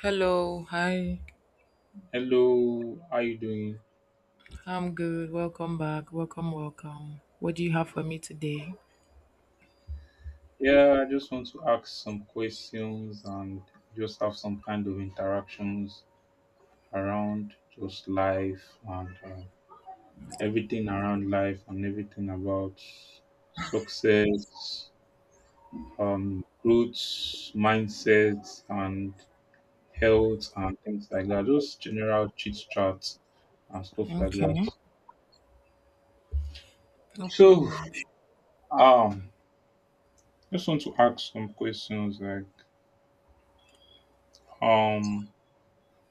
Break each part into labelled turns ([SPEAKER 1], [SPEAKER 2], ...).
[SPEAKER 1] Hello, hi.
[SPEAKER 2] Hello, how you doing?
[SPEAKER 1] I'm good. Welcome back. Welcome, welcome. What do you have for me today?
[SPEAKER 2] Yeah, I just want to ask some questions and just have some kind of interactions around just life and everything around life and everything about success, growth, mindsets, and health and things like that. Just general chit chats and stuff like
[SPEAKER 1] Okay,
[SPEAKER 2] that.
[SPEAKER 1] no
[SPEAKER 2] So,
[SPEAKER 1] problem.
[SPEAKER 2] um, just want to ask some questions like, um,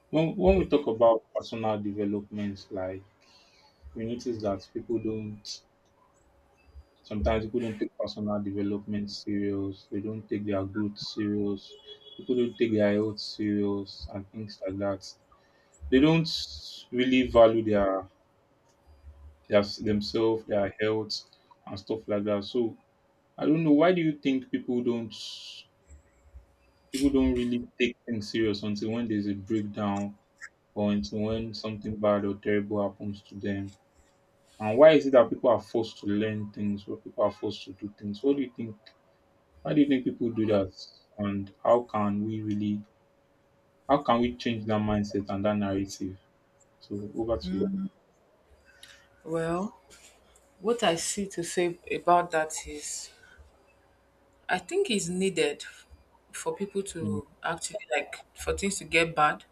[SPEAKER 2] when we talk about personal development, like we notice that people don't sometimes people don't take personal development serious. They don't take their growth serious. People don't take their health serious and things like that. They don't really value their themselves, their health, and stuff like that. So I don't know why do you think people don't really take things serious until when there's a breakdown or until when something bad or terrible happens to them. And why is it that people are forced to learn things or people are forced to do things? What do you think? Why do you think people do that? And how can we how can we change that mindset and that narrative? So over to you.
[SPEAKER 1] Well, what I see to say about that is I think it's needed for people
[SPEAKER 2] Mm,
[SPEAKER 1] to actually like for things to get bad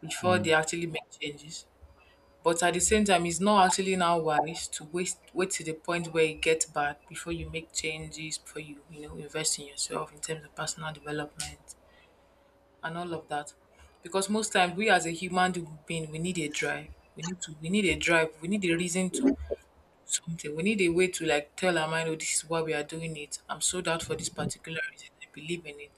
[SPEAKER 1] before
[SPEAKER 2] mm,
[SPEAKER 1] they actually make changes. But at the same time, it's not actually now wise to waste wait to the point where it gets bad before you make changes, before you, invest in yourself in terms of personal development and all of that. Because most times, we as a human being, we need a drive. We need a drive. We need a reason to something. We need a way to like tell our mind, oh, this is why we are doing it. I'm sold out for this particular reason. I believe in it.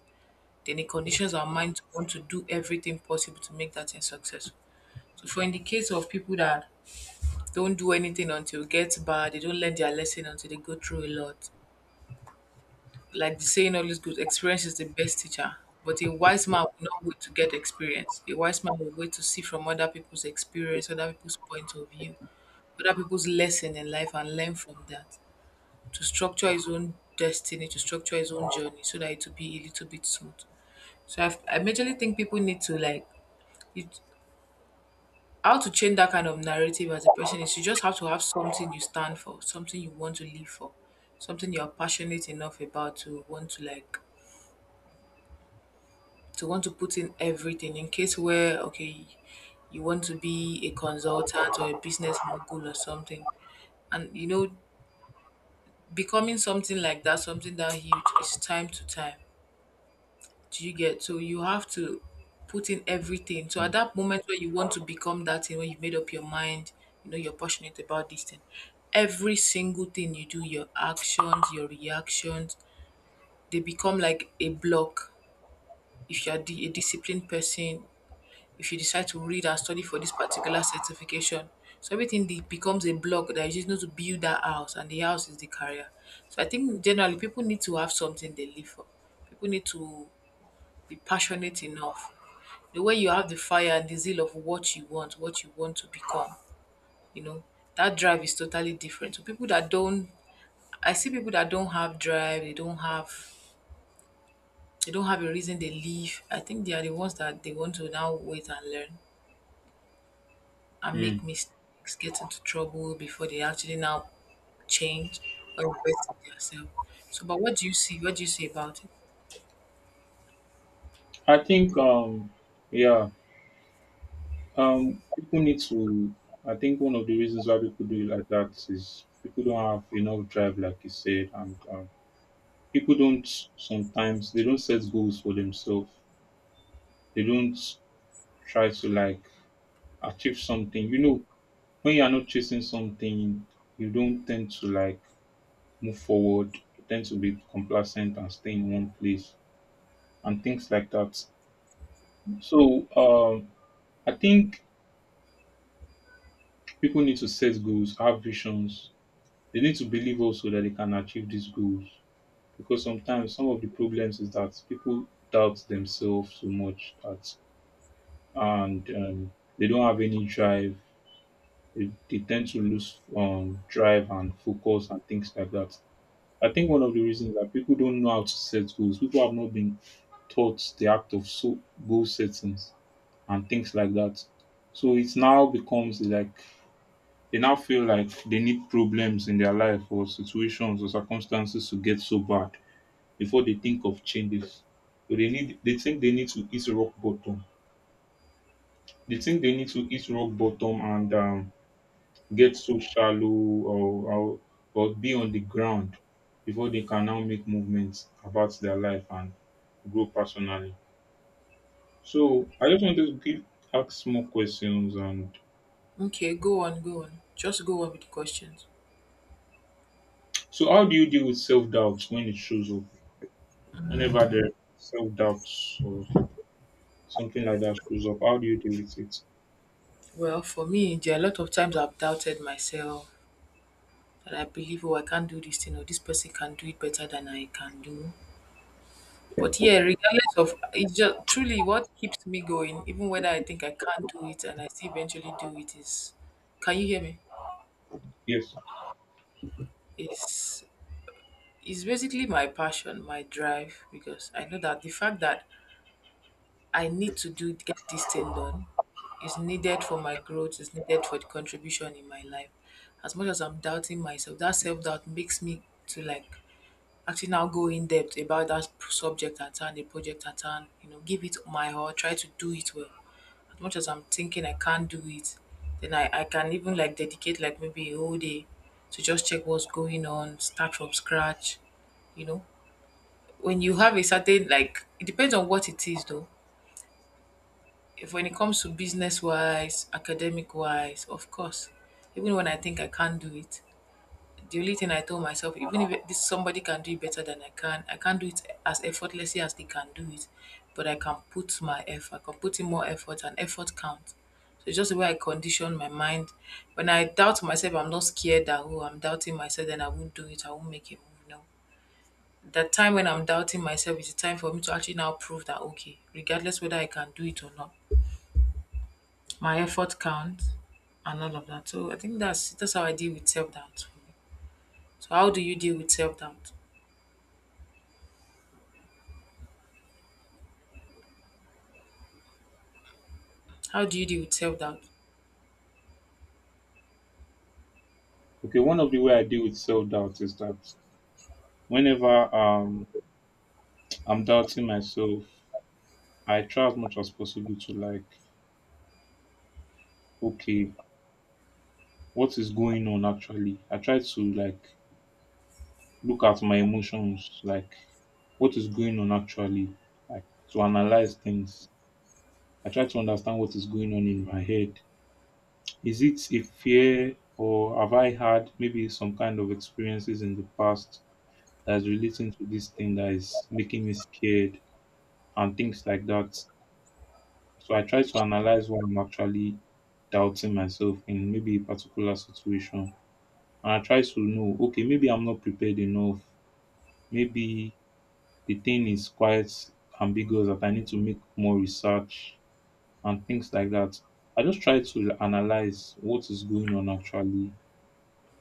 [SPEAKER 1] Then it conditions our mind to want to do everything possible to make that thing successful. So for in the case of people that don't do anything until it gets bad, they don't learn their lesson until they go through a lot. Like the saying always goes, experience is the best teacher. But a wise man will not wait to get experience. A wise man will wait to see from other people's experience, other people's point of view, other people's lesson in life, and learn from that to structure his own destiny, to structure his own journey so that it will be a little bit smooth. So I majorly think people need to like, it, how to change that kind of narrative as a person is, you just have to have something you stand for, something you want to live for, something you're passionate enough about to want to like to want to put in everything. In case where, okay, you want to be a consultant or a business mogul or something, and you know, becoming something like that, something that huge, is time to time. Do you get? So you have to put in everything. So at that moment where you want to become that thing, when you've made up your mind, you know you're passionate about this thing, every single thing you do, your actions, your reactions, they become like a block. If you're a disciplined person, if you decide to read and study for this particular certification. So everything becomes a block that you just need to build that house, and the house is the career. So I think generally people need to have something they live for. People need to be passionate enough. The way you have the fire and the zeal of what you want to become, you know, that drive is totally different. So people that don't, I see people that don't have drive, they don't have a reason they live. I think they are the ones that they want to now wait and learn and
[SPEAKER 2] mm.
[SPEAKER 1] make mistakes, get into trouble before they actually now change or invest in themselves. So, but what do you see? What do you say about it?
[SPEAKER 2] I think, yeah, people need to. I think one of the reasons why people do it like that is people don't have enough drive, like you said, and people don't sometimes they don't set goals for themselves. They don't try to like achieve something. You know, when you are not chasing something, you don't tend to like move forward. You tend to be complacent and stay in one place and things like that. So I think people need to set goals, have visions. They need to believe also that they can achieve these goals because sometimes some of the problems is that people doubt themselves so much that and they don't have any drive. They tend to lose drive and focus and things like that. I think one of the reasons that people don't know how to set goals. People have not been taught the act of so goal settings and things like that. So it now becomes like they now feel like they need problems in their life or situations or circumstances to get so bad before they think of changes. So they think they need to hit rock bottom. They think they need to hit rock bottom and get so shallow or, or or be on the ground before they can now make movements about their life and grow personally. So I just wanted to ask more questions and
[SPEAKER 1] Okay, go on, go on. Just go on with the questions.
[SPEAKER 2] so how do you deal with self doubt when it shows up? Whenever the self doubts or something like that shows up, how do you deal with it?
[SPEAKER 1] Well, for me, there are a lot of times I've doubted myself, that I believe, oh, I can't do this thing, or this person can do it better than I can do. But yeah, regardless of it's just truly what keeps me going. Even whether I think I can't do it and I still eventually do it is, can you hear me?
[SPEAKER 2] Yes.
[SPEAKER 1] Is it's basically my passion, my drive, because I know that the fact that I need to do get this thing done is needed for my growth, is needed for the contribution in my life. As much as I'm doubting myself, that self doubt makes me to like actually now go in depth about that subject at hand, the project at hand, give it my all, try to do it well. As much as I'm thinking I can't do it, then I can even like dedicate like maybe a whole day to just check what's going on, start from scratch. You know, when you have a certain, like, it depends on what it is though. If when it comes to business wise, academic wise, of course, even when I think I can't do it, the only thing I told myself, even if this somebody can do it better than I can, I can't do it as effortlessly as they can do it, but I can put my effort, I can put in more effort, and effort counts. So it's just the way I condition my mind. When I doubt myself, I'm not scared that, oh, I'm doubting myself, then I won't do it, I won't make a move. No, the time when I'm doubting myself is the time for me to actually now prove that, okay, regardless whether I can do it or not, my effort counts and all of that. So I think that's how I deal with self doubt. So how do you deal with self doubt? How do you deal with self doubt?
[SPEAKER 2] Okay, one of the way I deal with self doubt is that whenever I'm doubting myself, I try as much as possible to like, okay, what is going on actually. I try to like look at my emotions, like what is going on actually, like to analyze things. I try to understand what is going on in my head. Is it a fear or have I had maybe some kind of experiences in the past that's relating to this thing that is making me scared and things like that. So I try to analyze why I'm actually doubting myself in maybe a particular situation. And I try to know, okay, maybe I'm not prepared enough maybe the thing is quite ambiguous that I need to make more research and things like that. I just try to analyze what is going on actually,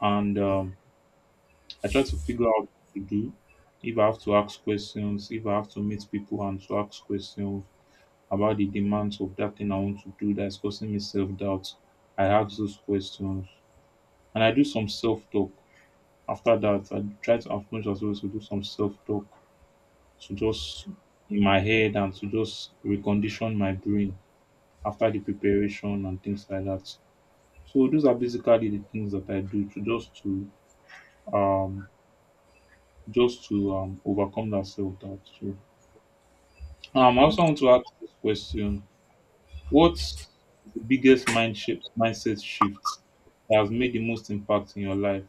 [SPEAKER 2] and I try to figure out what to do. If I have to ask questions, if I have to meet people and to ask questions about the demands of that thing I want to do that's causing me self doubt, I ask those questions and I do some self talk. After that, I try to, as much as well, to do some self talk to just in my head and to just recondition my brain after the preparation and things like that. So those are basically the things that I do to just to um just to overcome that self doubt. So I also want to ask this question. What's the biggest mindset shift that has made the most impact in your life?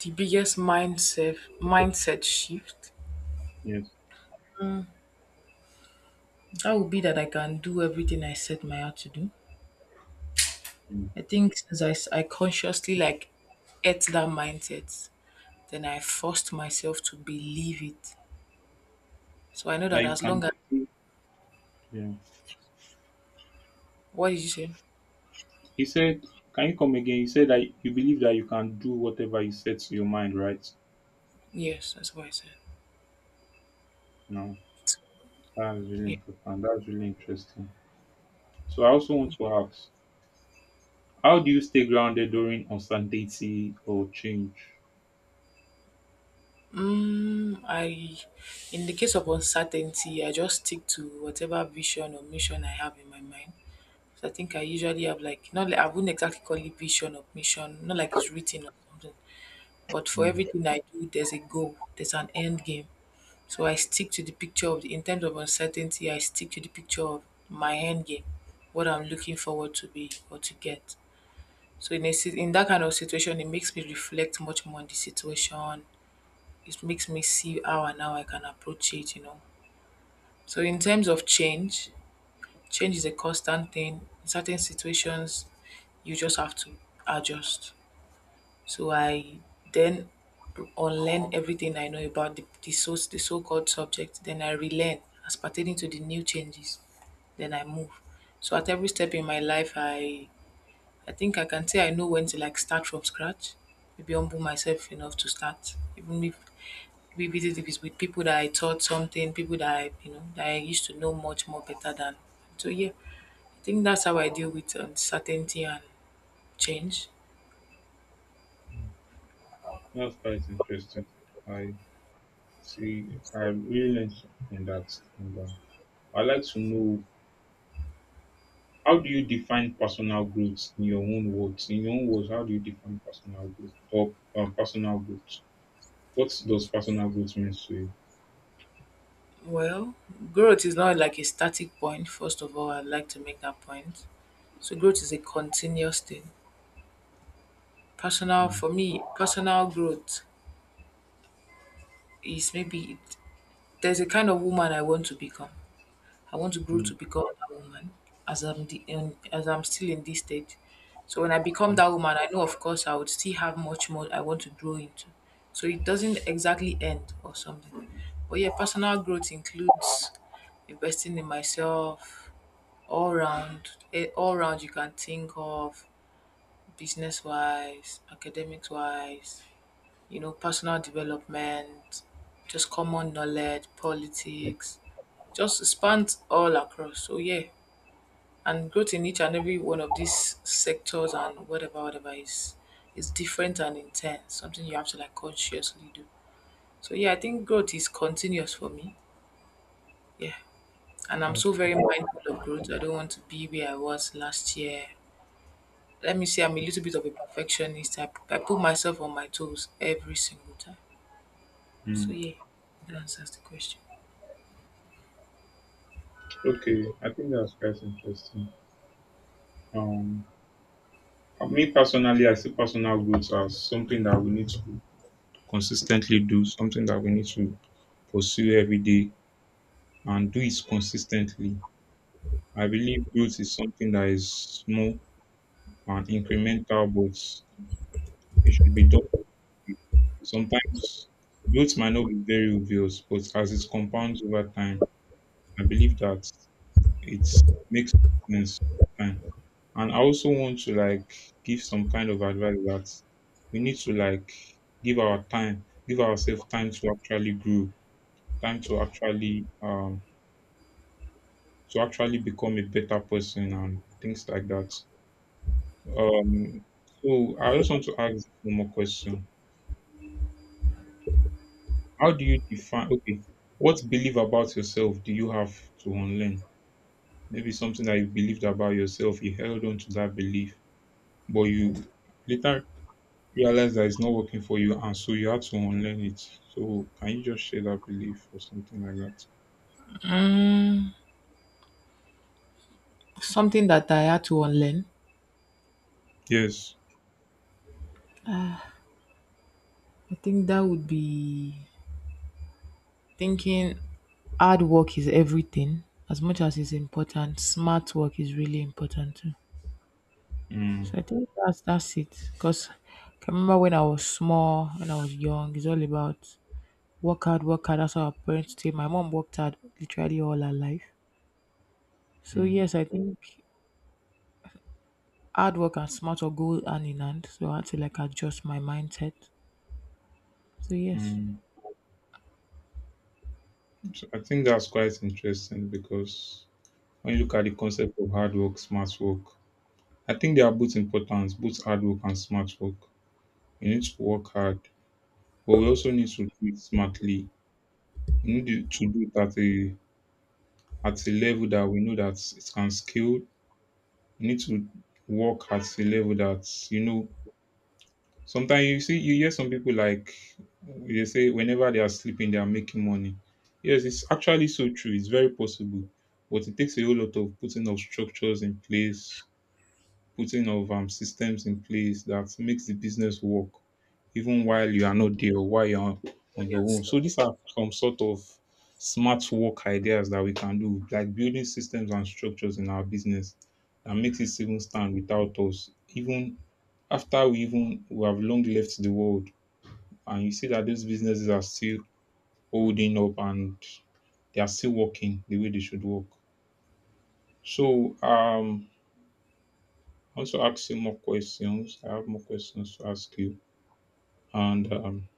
[SPEAKER 1] The biggest mindset shift,
[SPEAKER 2] Yes.
[SPEAKER 1] that would be that I can do everything I set my heart to do.
[SPEAKER 2] Mm.
[SPEAKER 1] I think since I consciously like ate that mindset, then I forced myself to believe it. So I know
[SPEAKER 2] That
[SPEAKER 1] that
[SPEAKER 2] you
[SPEAKER 1] as
[SPEAKER 2] can
[SPEAKER 1] long as...
[SPEAKER 2] do. Yeah.
[SPEAKER 1] what did you say?
[SPEAKER 2] He said, can you come again? He said that you believe that you can do whatever you set to your mind, right?
[SPEAKER 1] Yes, that's what I said.
[SPEAKER 2] No. That's really
[SPEAKER 1] Yeah.
[SPEAKER 2] important. That's really interesting. So I also want to ask, how do you stay grounded during uncertainty or change?
[SPEAKER 1] Mm, I, in the case of uncertainty, I just stick to whatever vision or mission I have in my mind. So I think I usually have, like, not like, I wouldn't exactly call it vision or mission, not like it's written or something. But for
[SPEAKER 2] Mm.
[SPEAKER 1] everything I do, there's a goal, there's an end game. So I stick to the picture of the, in terms of uncertainty, I stick to the picture of my end game, what I'm looking forward to be or to get. So in in that kind of situation, it makes me reflect much more on the situation. It makes me see how I can approach it. So in terms of change, change is a constant thing. In certain situations, you just have to adjust. So I then unlearn everything I know about the so-called subject. Then I relearn as pertaining to the new changes. Then I move. So at every step in my life, I think I can say I know when to like start from scratch. Maybe humble myself enough to start, even if, maybe if it's with people that I taught something, people that I used to know much more better than. So yeah, I think that's how I deal with uncertainty and change.
[SPEAKER 2] That's quite interesting. I see. I really learned from that. And, I'd like to know how do you define personal growth in your own words? In your own words, how do you define personal growth or personal growth? What does personal growth mean to you?
[SPEAKER 1] Well, growth is not like a static point. First of all, I'd like to make that point. So growth is a continuous thing. Personal
[SPEAKER 2] Mm,
[SPEAKER 1] for me, personal growth is, maybe there's a kind of woman I want to become. I want to grow to
[SPEAKER 2] mm,
[SPEAKER 1] become a woman, as I'm still in this stage. So when I become
[SPEAKER 2] mm,
[SPEAKER 1] that woman, I know, of course, I would still have much more I want to grow into. So it doesn't exactly end or something. But yeah, personal growth includes investing in myself all round. All round you can think of, business wise, academics wise, personal development, just common knowledge, politics, just spans all across. So yeah, and growth in each and every one of these sectors and whatever is different and intense. Something you have to like consciously do. So yeah, I think growth is continuous for me. Yeah. And I'm so very mindful of growth. I don't want to be where I was last year. Let me say I'm a little bit of a perfectionist. I put myself on my toes every single time. So
[SPEAKER 2] mm.
[SPEAKER 1] yeah, that answers the question.
[SPEAKER 2] Okay, I think that's quite interesting. Um, Me personally, I see personal growth as something that we need to consistently do, something that we need to pursue every day and do it consistently. I believe growth is something that is small and incremental, but it should be done. Sometimes growth might not be very obvious, but as it compounds over time, I believe that it makes sense over time. And I also want to like give some kind of advice that we need to like give our time, give ourselves time to actually grow, time to actually become a better person and things like that. Um so I just want to ask one more question. How do you define okay, what belief about yourself do you have to unlearn? Maybe something that you believed about yourself, you held on to that belief, but you later realize that it's not working for you and so you had to unlearn it, so can you just share that belief or something like that?
[SPEAKER 1] Something that I had to unlearn,
[SPEAKER 2] Yes.
[SPEAKER 1] I think that would be thinking hard work is everything. As much as it's important, smart work is really important too. So
[SPEAKER 2] mm,
[SPEAKER 1] I think that's it. Because I remember when I was small, when I was young, it's all about work hard, work hard. That's how our parents say. My mom worked hard literally all her life. So
[SPEAKER 2] mm,
[SPEAKER 1] yes, I think hard work and smart work go hand in hand. So I had to like adjust my mindset. So yes.
[SPEAKER 2] mm. So I think that's quite interesting because when you look at the concept of hard work smart work, I think they are both important, both hard work and smart work. We need to work hard, but we also need to do it smartly. We need to do it at a level that we know that it can scale. We need to work at a level that you know, sometimes you see you hear some people like they say whenever they are sleeping they are making money. Yes, it's actually so true. It's very possible, but it takes a whole lot of putting of structures in place, putting of systems in place that makes the business work, even
[SPEAKER 1] Yeah,
[SPEAKER 2] while you are not there or while you are
[SPEAKER 1] well,
[SPEAKER 2] on your
[SPEAKER 1] yeah,
[SPEAKER 2] own.
[SPEAKER 1] so
[SPEAKER 2] So these are some sort of smart work ideas that we can do, like building systems and structures in our business that makes it even stand without us, even after we have long left the world and you see that those businesses are still holding up and they are still working the way they should work. So I also ask you more questions. I have more questions to ask you. And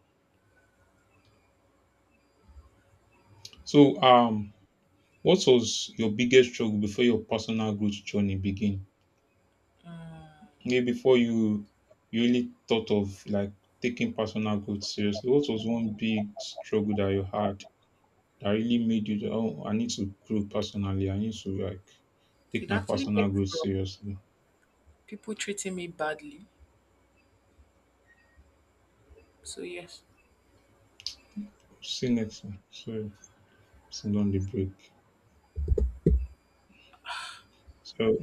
[SPEAKER 2] so um what was your biggest struggle before your personal growth journey began? Maybe before you really thought of like taking personal growth seriously, what was one big struggle that you had that really made you to, oh, I need to grow personally. I need to like take
[SPEAKER 1] it
[SPEAKER 2] my
[SPEAKER 1] actually
[SPEAKER 2] personal
[SPEAKER 1] came
[SPEAKER 2] growth
[SPEAKER 1] from
[SPEAKER 2] seriously.
[SPEAKER 1] people treating me badly. So yes.
[SPEAKER 2] See you next time. So, send on the break. So,